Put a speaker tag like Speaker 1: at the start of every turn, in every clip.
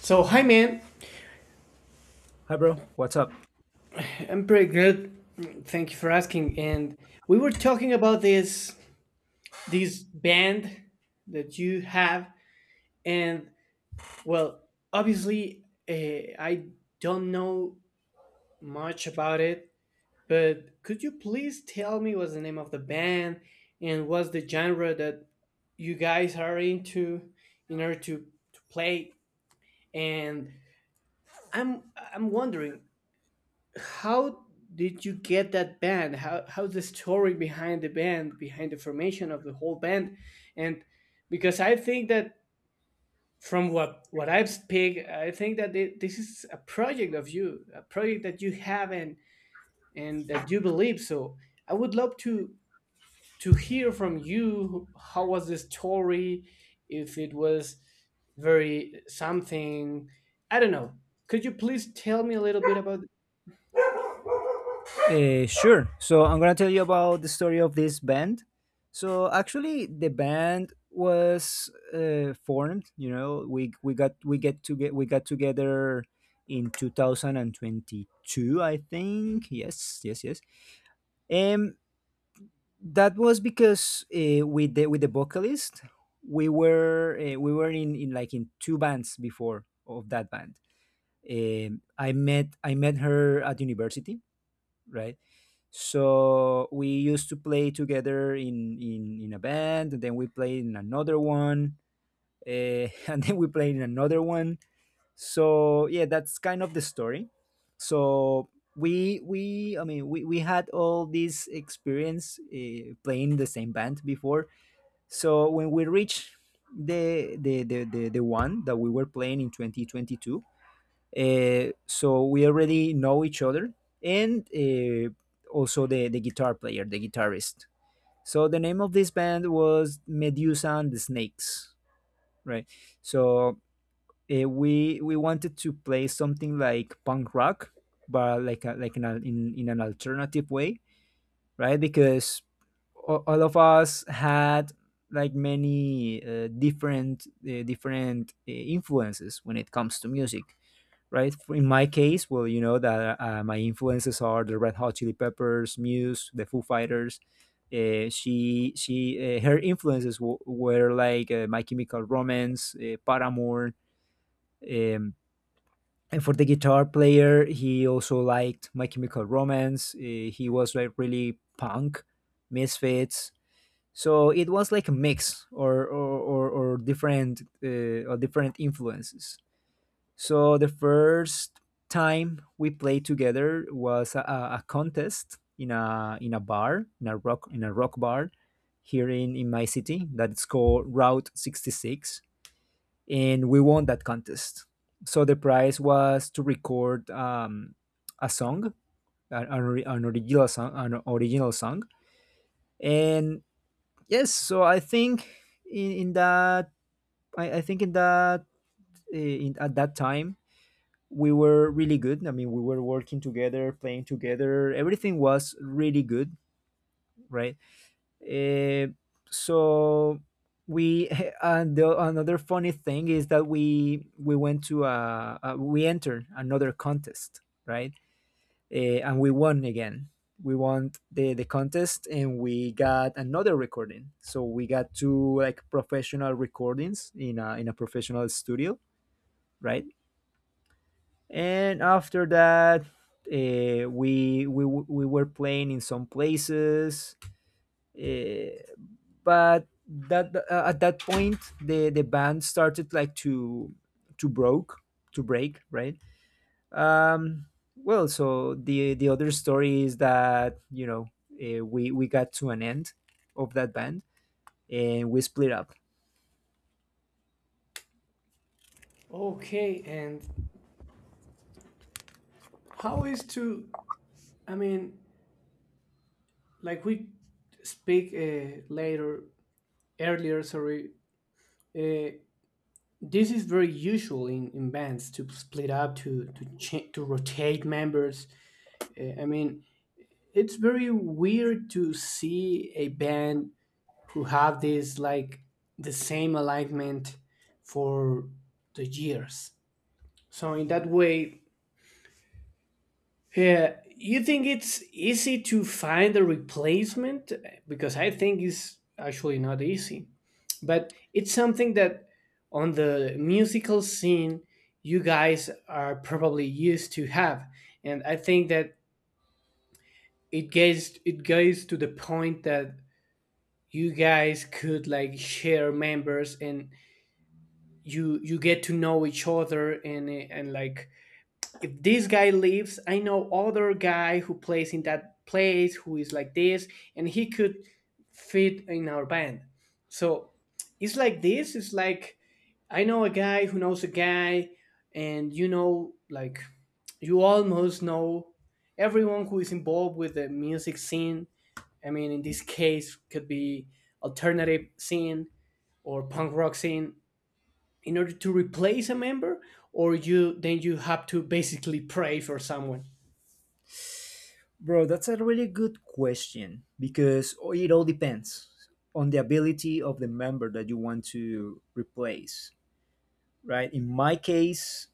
Speaker 1: So, hi, man.
Speaker 2: Hi, bro. What's up?
Speaker 1: I'm pretty good. Thank you for asking. And we were talking about this band that you have, and well, obviously, I don't know much about it. But could you please tell me what's the name of the band and what's the genre that you guys are into in order to play? And I'm I'm wondering. How did you get that band? How's the story behind the band, behind the formation of the whole band? And because I think that from what I've speak, I think that this is a project of you, a project that you have and that you believe. So I would love to hear from you. How was the story? If it was very something, I don't know. Could you please tell me a little bit about?
Speaker 2: Sure. So I'm gonna tell you about the story of this band. So actually, the band was formed. You know, we got we get to get we got together in 2022, I think. Yes, yes, yes. Um, that was because with the vocalist, we were in like in two bands before of that band. I met her at university, right? So we used to play together in in a band, and then we played in another one, and then we played in another one. So yeah, that's kind of the story. So we I mean we had all this experience playing the same band before. So when we reached the the one that we were playing in 2022, so we already know each other, and also the guitar player, the guitarist. So the name of this band was Medusa and the Snakes, right? So we wanted to play something like punk rock, but like a, like in, a, in in an alternative way, right? Because all of us had like many different influences when it comes to music, right? In my case, well, you know that my influences are the Red Hot Chili Peppers, Muse, the Foo Fighters. She Her influences were like My Chemical Romance, Paramore. Um, and for the guitar player, he also liked My Chemical Romance. He was like really punk, Misfits. So it was like a mix or different influences. So the first time we played together was a contest in a bar in a rock bar here in my city that's called Route 66, and we won that contest. So the prize was to record a song, an original song, and yes. So I think in that I think in that at that time we were really good. I mean, we were working together, playing together. Everything was really good, right? Uh, so we another funny thing is that we went to a we entered another contest, right? And we won again. We won the contest and we got another recording. So we got two like professional recordings in a professional studio, right? And after that we were playing in some places, uh, but that at that point the band started like to broke to break, right? Um well so the other story is that, you know, we got to an end of that band, and we split up.
Speaker 1: Okay, and how is to, I mean, like we speak later, earlier, sorry, uh, this is very usual in bands to split up, to rotate members. I mean, it's very weird to see a band who have this like the same alignment for the years. So in that way, yeah, you think it's easy to find a replacement? Because I think it's actually not easy. But it's something that on the musical scene you guys are probably used to have. And I think that it goes to the point that you guys could like share members and you get to know each other and like if this guy leaves, I know other guy who plays in that place who is like this, and he could fit in our band. So it's like this. It's like I know a guy who knows a guy, and like you almost know everyone who is involved with the music scene. I mean, in this case, could be alternative scene or punk rock scene in order to replace a member or you then you have to basically pray for someone.
Speaker 2: Bro, that's a really good question because it all depends on the ability of the member that you want to replace, right? In my case,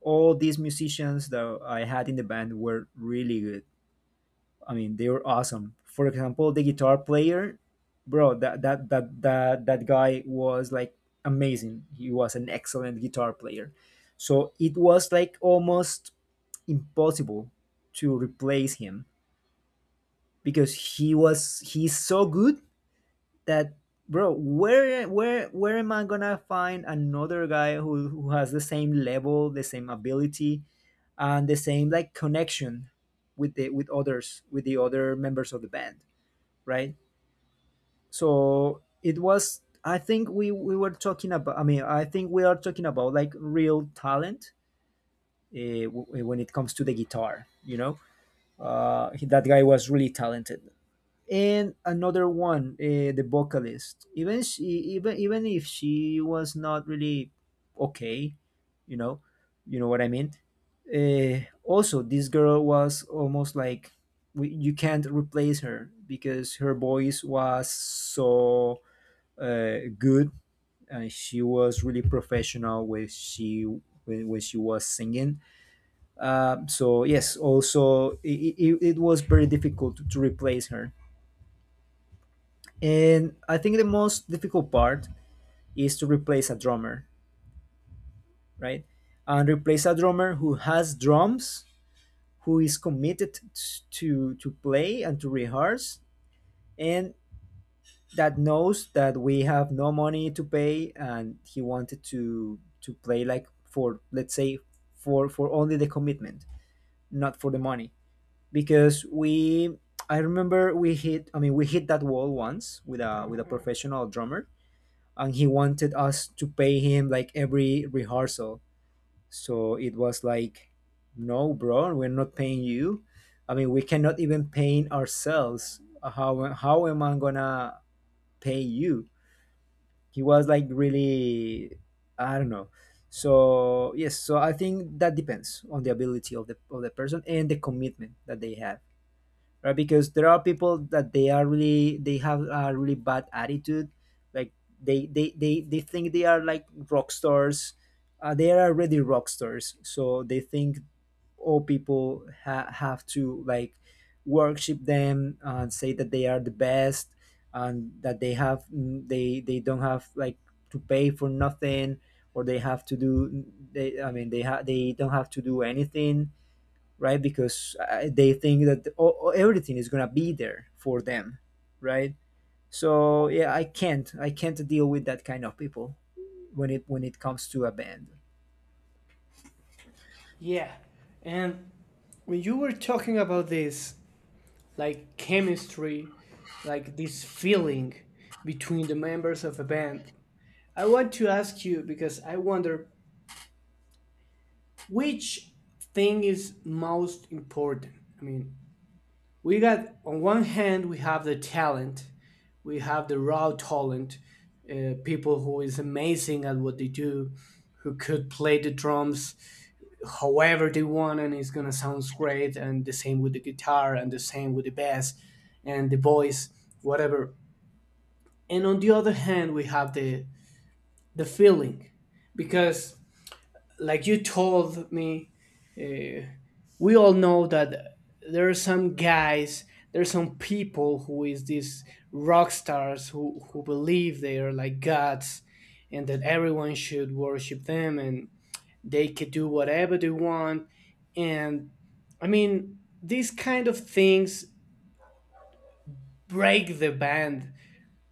Speaker 2: all these musicians that I had in the band were really good. I mean, they were awesome. For example, the guitar player, bro, that guy was like amazing. He was an excellent guitar player. So it was like almost impossible to replace him because he's so good that, bro, where am I gonna find another guy who has the same level, the same ability, and the same like connection with the other members of the band, right? So it was, I think we were talking about, I mean, I think we are talking about like real talent, when it comes to the guitar, you know. That guy was really talented. And another one, the vocalist, even even if she was not really okay, you know, you know what I mean. Also this girl was almost like, you can't replace her because her voice was so good, and she was really professional when when she was singing. So yes, also it was very difficult to replace her. And I think the most difficult part is to replace a drummer, right? And replace a drummer who has drums, who is committed to play and to rehearse, and that knows that we have no money to pay, and he wanted to play like, for let's say, for only the commitment, not for the money, because we. I remember we hit. I mean, we hit that wall once with a professional drummer, and he wanted us to pay him like every rehearsal. So it was like, no, bro, we're not paying you. I mean, we cannot even pay ourselves. How am I gonna pay you? He was like really, I don't know. So yes, so I think that depends on the ability of the person and the commitment that they have, right? Because there are people that they are really, they have a really bad attitude, like they think they are like rock stars. They are already rock stars, so they think all people have to like worship them and say that they are the best, and that they have they don't have like to pay for nothing, or they have to do, they I mean, they they don't have to do anything, right? Because they think that everything is gonna be there for them, right? So yeah, I can't deal with that kind of people when it comes to a band.
Speaker 1: Yeah, and when you were talking about this like chemistry, like this feeling between the members of a band, I want to ask you, because I wonder which thing is most important. I mean, we got, on one hand, we have the talent, we have the raw talent, people who is amazing at what they do, who could play the drums however they want and it's gonna sound great, and the same with the guitar and the same with the bass and the voice, whatever. And on the other hand, we have the feeling, because like you told me, uh, we all know that there are some guys, there are some people who is these rock stars who believe they are like gods and that everyone should worship them and they could do whatever they want. And I mean, these kind of things break the band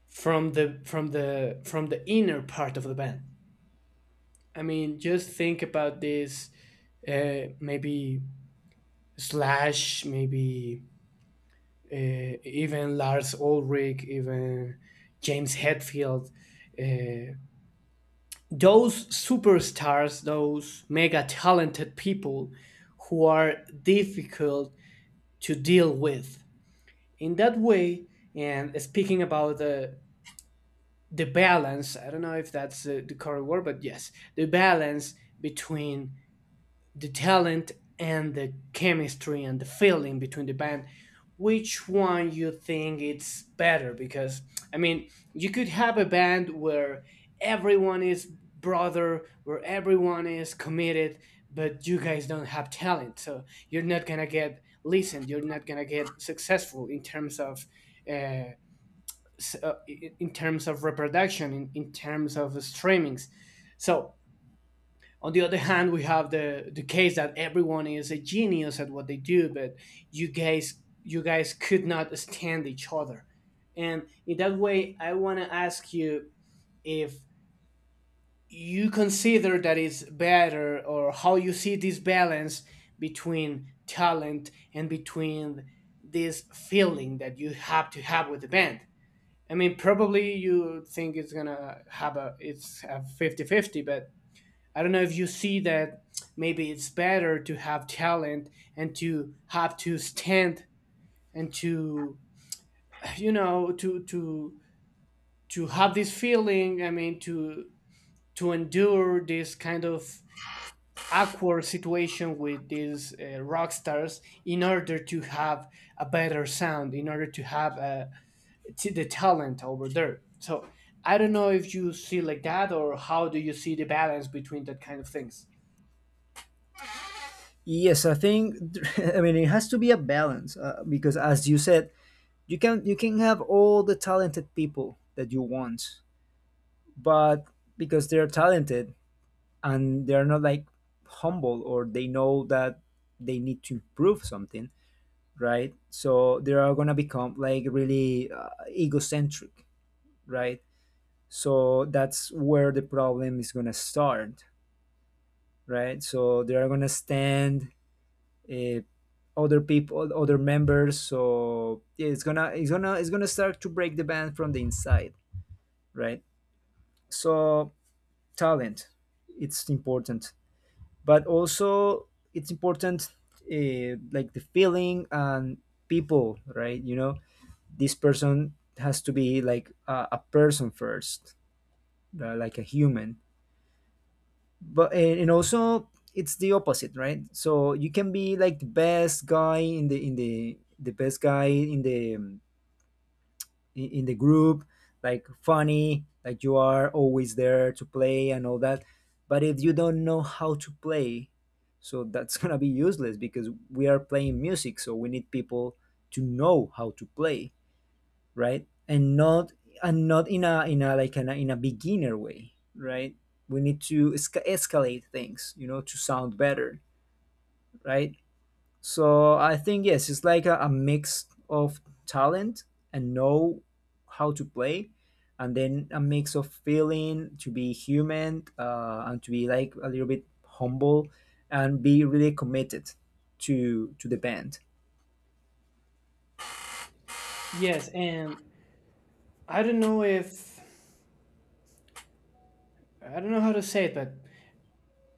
Speaker 1: from the from the from the inner part of the band. I mean, just think about this. Maybe Slash, maybe even Lars Ulrich, even James Hetfield. Uh, those superstars, those mega talented people who are difficult to deal with. In that way, and speaking about the balance, I don't know if that's the correct word, but yes, the balance between the talent and the chemistry and the feeling between the band, which one you think it's better? Because I mean, you could have a band where everyone is brother, where everyone is committed, but you guys don't have talent, so you're not gonna get listened, you're not gonna get successful in terms of uh, in terms of reproduction, in, terms of streamings. So on the other hand, we have the case that everyone is a genius at what they do, but you guys could not stand each other. And in that way, I want to ask you if you consider that it's better, or how you see this balance between talent and between this feeling that you have to have with the band. I mean, probably you think it's gonna have a it's a fifty fifty, but I don't know if you see that maybe it's better to have talent and to have to stand and to, to to have this feeling, I mean, to endure this kind of awkward situation with these rock stars in order to have a better sound, in order to have the talent over there. So I don't know if you see like that or how do you see the balance between that kind of things.
Speaker 2: Yes, I think I mean, it has to be a balance because, as you said, you can have all the talented people that you want, but because they're talented and they're not like humble, or they know that they need to improve something, right? So they are gonna become like really egocentric, right? So that's where the problem is gonna start, right? So they are gonna stand uh, other people, other members. So yeah, it's gonna it's gonna start to break the band from the inside, right? So talent, it's important, but also it's important, like the feeling and people, right? You know, this person has to be like a person first, like a human. But, and also it's the opposite, right? So you can be like the best guy in the best guy in the group, like funny, like you are always there to play and all that, but if you don't know how to play, so that's gonna be useless because we are playing music, so we need people to know how to play, right? And not in a in a beginner way, right? We need to escalate things, you know, to sound better, right? So I think yes, it's like a mix of talent and know how to play, and then a mix of feeling to be human, and to be like a little bit humble and be really committed to the band.
Speaker 1: Yes, and I don't know if I don't know how to say it, but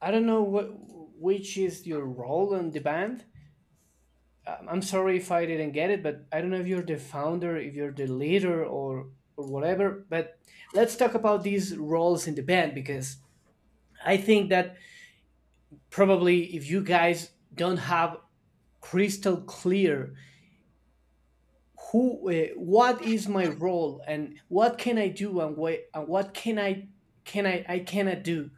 Speaker 1: I don't know what which is your role in the band. I'm sorry if I didn't get it, but I don't know if you're the founder, if you're the leader, or whatever. But let's talk about these roles in the band, because I think that probably if you guys don't have crystal clear who what is my role and what can I do and what can I cannot do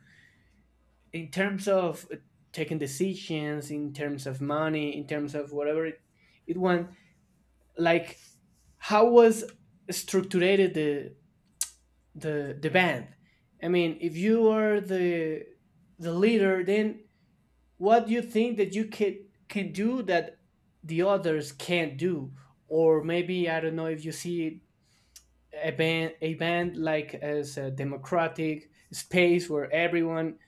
Speaker 1: in terms of taking decisions, in terms of money, in terms of whatever it went, like how was structured the the band? I mean, if you are the leader, then what do you think that you can do that the others can't do? Or maybe I don't know if you see a band, like as a democratic space where everyone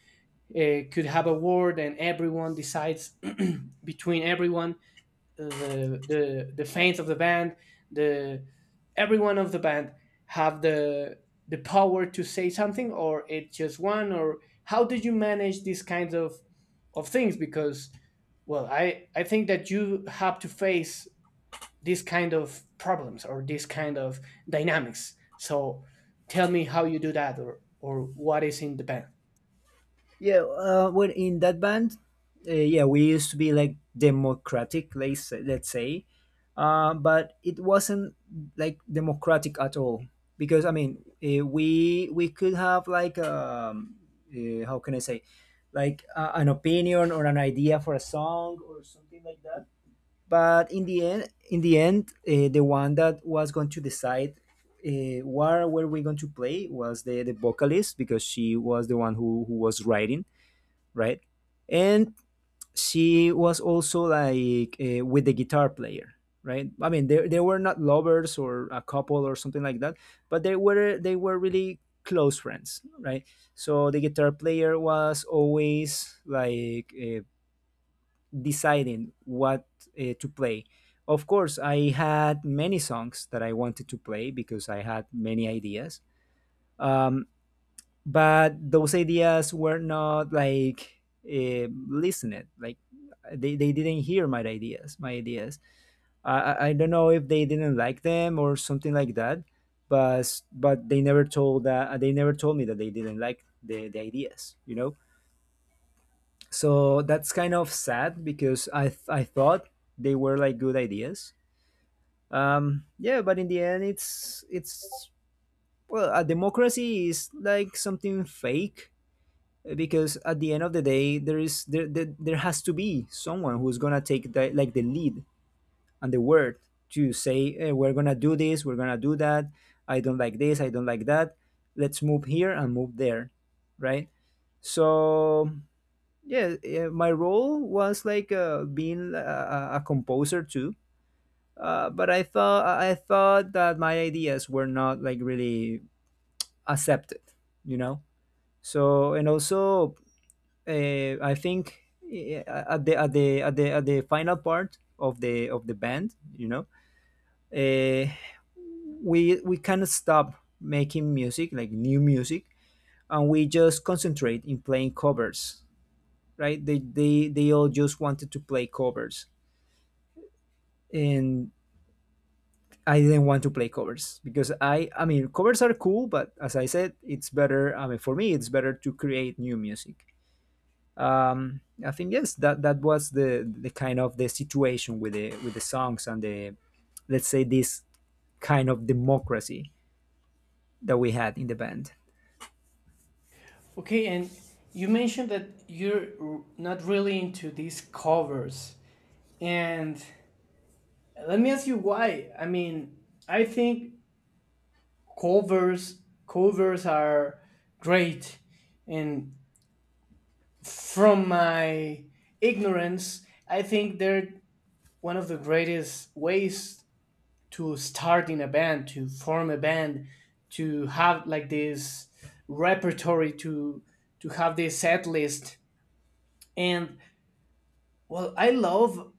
Speaker 1: could have a word and everyone decides between everyone, the the fans of the band, the everyone of the band have the power to say something, or it's just one? Or how did you manage these kinds of things? Because well, I think that you have to face these kind of problems or these kind of dynamics. So tell me how you do that, or what is in the band.
Speaker 2: Yeah, well, in that band, yeah, we used to be like democratic, let's say, but it wasn't like democratic at all, because, I mean, we could have like how can I say, like an opinion or an idea for a song or something like that. But in the end, the one that was going to decide what were we going to play was the vocalist, because she was the one who was writing, right? And she was also like with the guitar player, right? I mean, they were not lovers or a couple or something like that, but they were really close friends, right? So the guitar player was always like deciding what to play. Of course, I had many songs that I wanted to play because I had many ideas. Um, but those ideas were not like listened, like they didn't hear my ideas my ideas. I don't know if they didn't like them or something like that, but they never told that they never told me that they didn't like the ideas, so that's kind of sad because I thought they were like good ideas. Yeah, but in the end, it's well, a democracy is like something fake because at the end of the day, there is there there, there has to be someone who's gonna take like the lead and the word to say, we're gonna do this, we're gonna do that, I don't like this, I don't like that, let's move here and move there, right? So yeah, my role was like being a composer too. But I thought that my ideas were not like really accepted, you know. So and also I think, at the final part of the band, you know, uh, we kind of stop making music, like new music, and we just concentrate in playing covers. Right? They all just wanted to play covers, and I didn't want to play covers because I mean covers are cool, but as I said, it's better. I mean, for me, it's better to create new music. I think, yes, that was the kind of the situation with the songs and the, let's say, this kind of democracy that we had in the band.
Speaker 1: Okay, and you mentioned that not really into these covers. And let me ask you why. I mean, I think covers covers are great. And from my ignorance, I think they're one of the greatest ways to start in a band, to form a band, to have like this repertory, to have this set list. And well,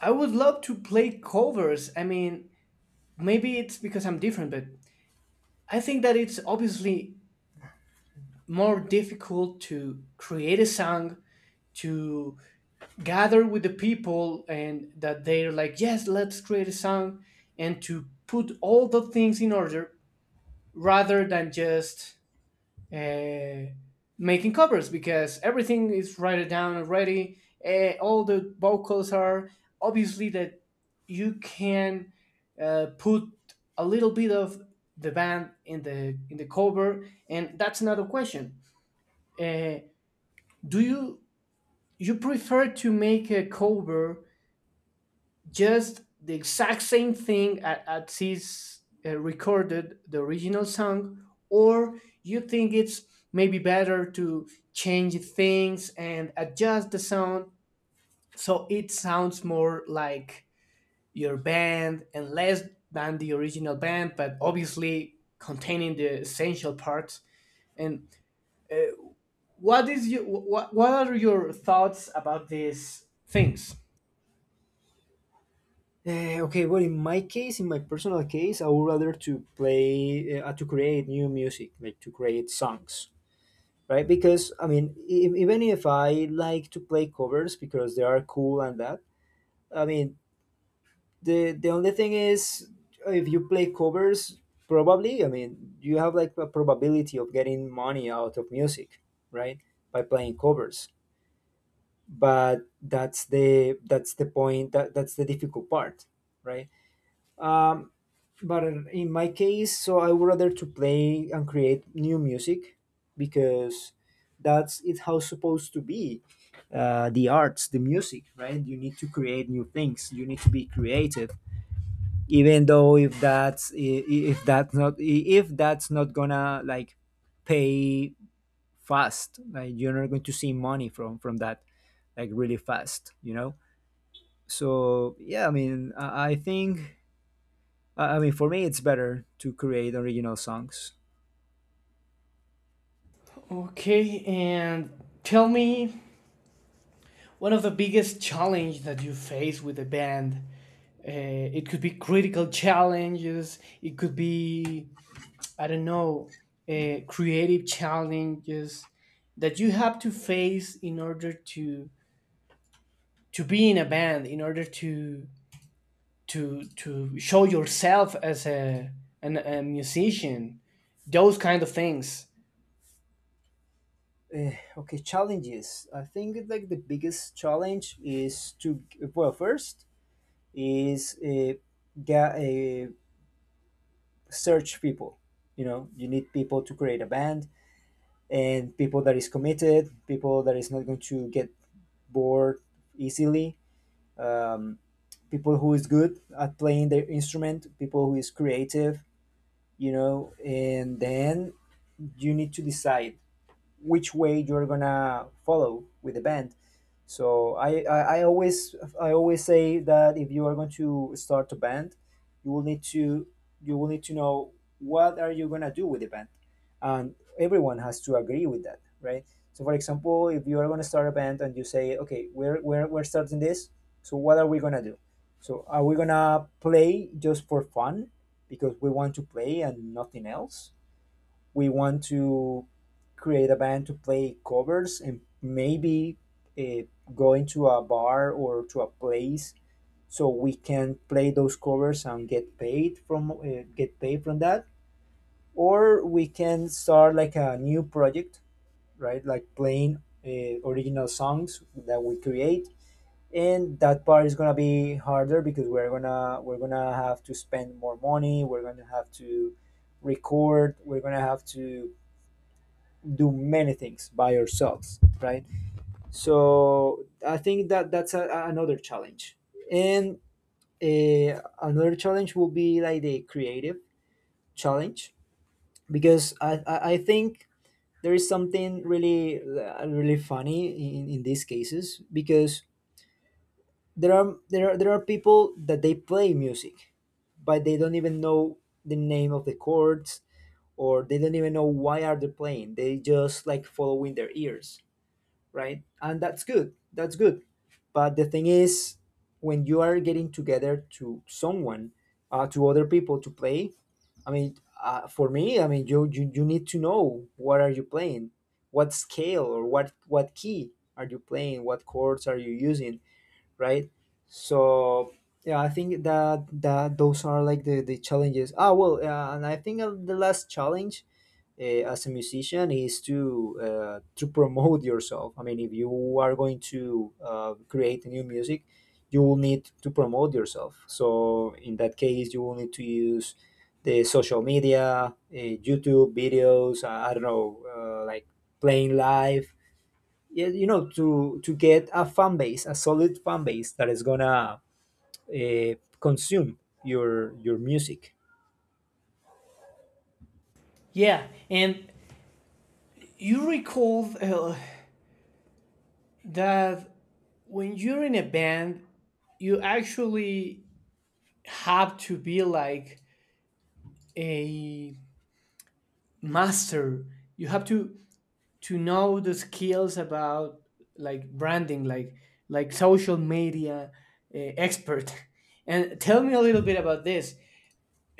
Speaker 1: I would love to play covers. I mean, maybe it's because I'm different, but I think that it's obviously more difficult to create a song, to gather with the people and that they're like, "Yes, let's create a song," and to put all the things in order, rather than just uh, making covers because everything is written down already. All the vocals are obviously, that you can put a little bit of the band in the cover, and that's another question. Uh, do you prefer to make a cover just the exact same thing as he's recorded the original song, or you think it's maybe better to change things and adjust the sound so it sounds more like your band and less than the original band, but obviously containing the essential parts. And uh, what is you what are your thoughts about these things?
Speaker 2: Okay, well, in my case, in my personal case, I would rather to play to create new music, like to create songs, right? Because I mean, even if I like to play covers because they are cool and that, I mean, the only thing is, if you play covers, probably, I mean, you have like a probability of getting money out of music, right, by playing covers, but that's the point that's the difficult part, right? um, but in my case, so I would rather to play and create new music because that's it how supposed to be. The arts, the music, right? You need to create new things, you need to be creative, even though if that's if that's not if that's not gonna like pay fast, like you're not going to see money from that like really fast, you know. So yeah, I mean, I think I mean, for me, it's better to create original songs.
Speaker 1: Okay, and tell me one of the biggest challenges that you face with a band. It could be critical challenges, it could be, I don't know, creative challenges that you have to face in order to be in a band, in order to show yourself as a musician, those kind of things.
Speaker 2: Okay, challenges, I think like the biggest challenge is to, well, first is uh, get a search people, you know, you need people to create a band, and people that is committed, people that is not going to get bored easily, um, people who is good at playing their instrument, people who is creative, you know, and then you need to decide which way you're gonna follow with the band. So I always say that if you are going to start a band, you will need to you will need to know what are you gonna do with the band, and everyone has to agree with that, right? So for example, if you are gonna start a band and you say, okay, we're starting this, so what are we gonna do? So are we gonna play just for fun because we want to play and nothing else? We want to create a band to play covers and maybe uh, go into a bar or to a place so we can play those covers and get paid from that, or we can start like a new project, right, like playing original songs that we create, and that part is gonna be harder because we're gonna have to spend more money, we're gonna have to record, we're gonna have to do many things by ourselves, right? So I think that that's another challenge, and another challenge will be like the creative challenge, because I think there is something really really funny in these cases, because there are people that they play music but they don't even know the name of the chords, or they don't even know why are they playing, they just like following their ears, right? And that's good. That's good. But the thing is, when you are getting together to someone, to other people to play, I mean, for me, I mean, you need to know what are you playing, what scale or what key are you playing, what chords are you using, right? So yeah, I think that that those are like the challenges. Ah, well, and I think the last challenge as a musician is to promote yourself. I mean, if you are going to create new music, you will need to promote yourself. So in that case, you will need to use the social media, YouTube videos. I don't know, like playing live, yeah, you know, to get a fan base, a solid fan base that is gonna uh, consume your music.
Speaker 1: Yeah, and you recall, that when you're in a band you actually have to be like a master, you have to know the skills about like branding, like social media expert. And tell me a little bit about this.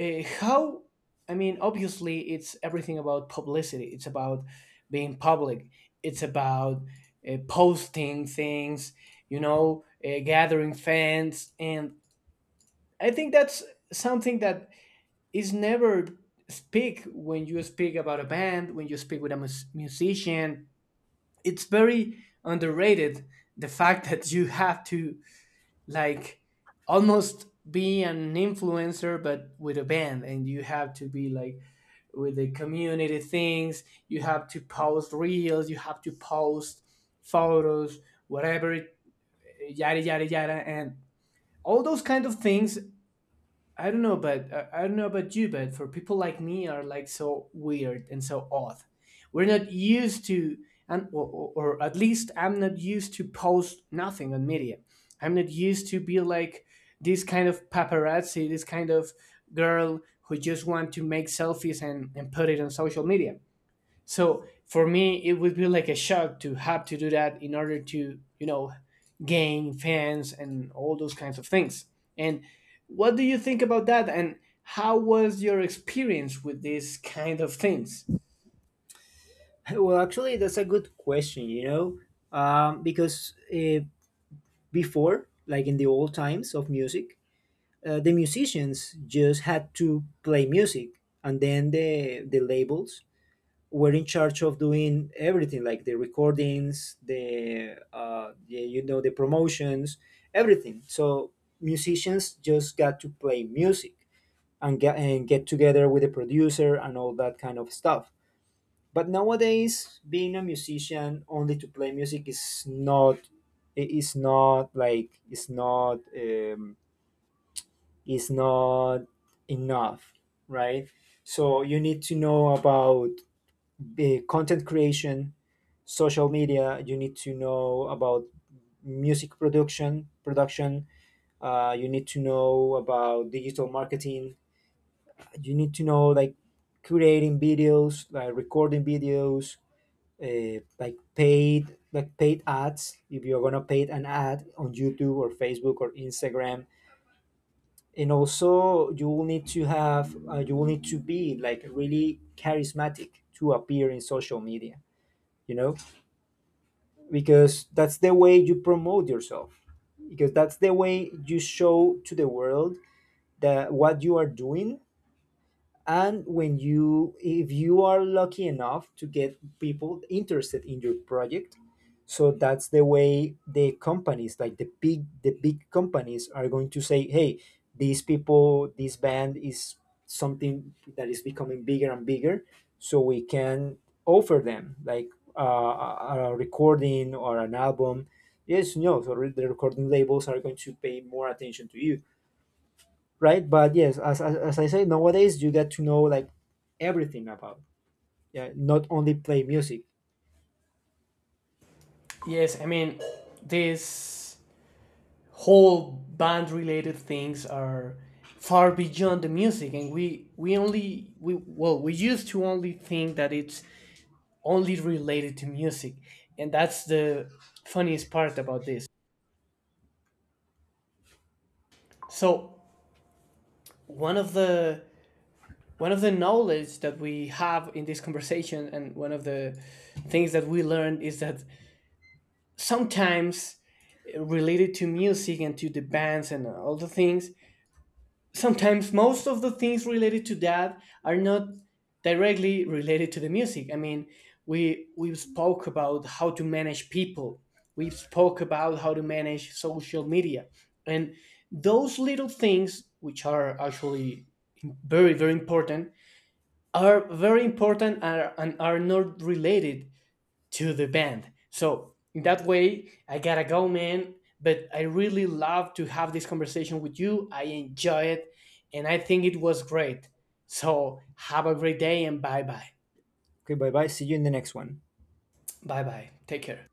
Speaker 1: How, I mean, obviously it's everything about publicity, it's about being public, it's about posting things, you know, gathering fans. And I think that's something that is never speak when you speak about a band, when you speak with a musician. It's very underrated the fact that you have to like almost be an influencer but with a band, and you have to be like with the community things, you have to post reels, you have to post photos, whatever, yada yada yada, and all those kind of things. I don't know, but I don't know about you, but for people like me are like so weird and so odd. We're not used to, and or, or at least I'm not used to post nothing on media. I'm not used to be like this kind of paparazzi, this kind of girl who just want to make selfies and, put it on social media. So for me, it would be like a shock to have to do that in order to, gain fans and all those kinds of things. And what do you think about that? And how was your experience with these kind of things?
Speaker 2: Well, actually, that's a good question. You know, because before, like in the old times of music, the musicians just had to play music, and then the labels were in charge of doing everything, like the recordings, the you know, the promotions, everything. So musicians just got to play music and get together with the producer and all that kind of stuff. But nowadays, being a musician only to play music is not, it is not like, it's not is not enough, right? So you need to know about the content creation, social media, you need to know about music production, you need to know about digital marketing, you need to know like creating videos, like recording videos, like paid ads, if you're gonna pay an ad on YouTube or Facebook or Instagram. And also you will need to have you will need to be like really charismatic to appear in social media, you know, because that's the way you promote yourself, because that's the way you show to the world that what you are doing. And when you, if you are lucky enough to get people interested in your project, so that's the way the companies, like the big companies, are going to say, hey, these people, this band is something that is becoming bigger and bigger, so we can offer them like a recording or an album. Yes, no, so the recording labels are going to pay more attention to you, right? But yes, as I say, nowadays you get to know like everything about, yeah, not only play music.
Speaker 1: Yes, I mean, this whole band related things are far beyond the music, and we only we well, we used to only think that it's only related to music, and that's the funniest part about this. So one of the, knowledge that we have in this conversation, and one of the things that we learned, is that sometimes related to music and to the bands and all the things, sometimes most of the things related to that are not directly related to the music. I mean, we spoke about how to manage people, we spoke about how to manage social media, and those little things which are actually very very important are very important and are, not related to the band. So in that way, I gotta go, man. But I really love to have this conversation with you. I enjoy it, and I think it was great. So have a great day and bye bye.
Speaker 2: Okay, bye bye. See you in the next one.
Speaker 1: Bye bye. Take care.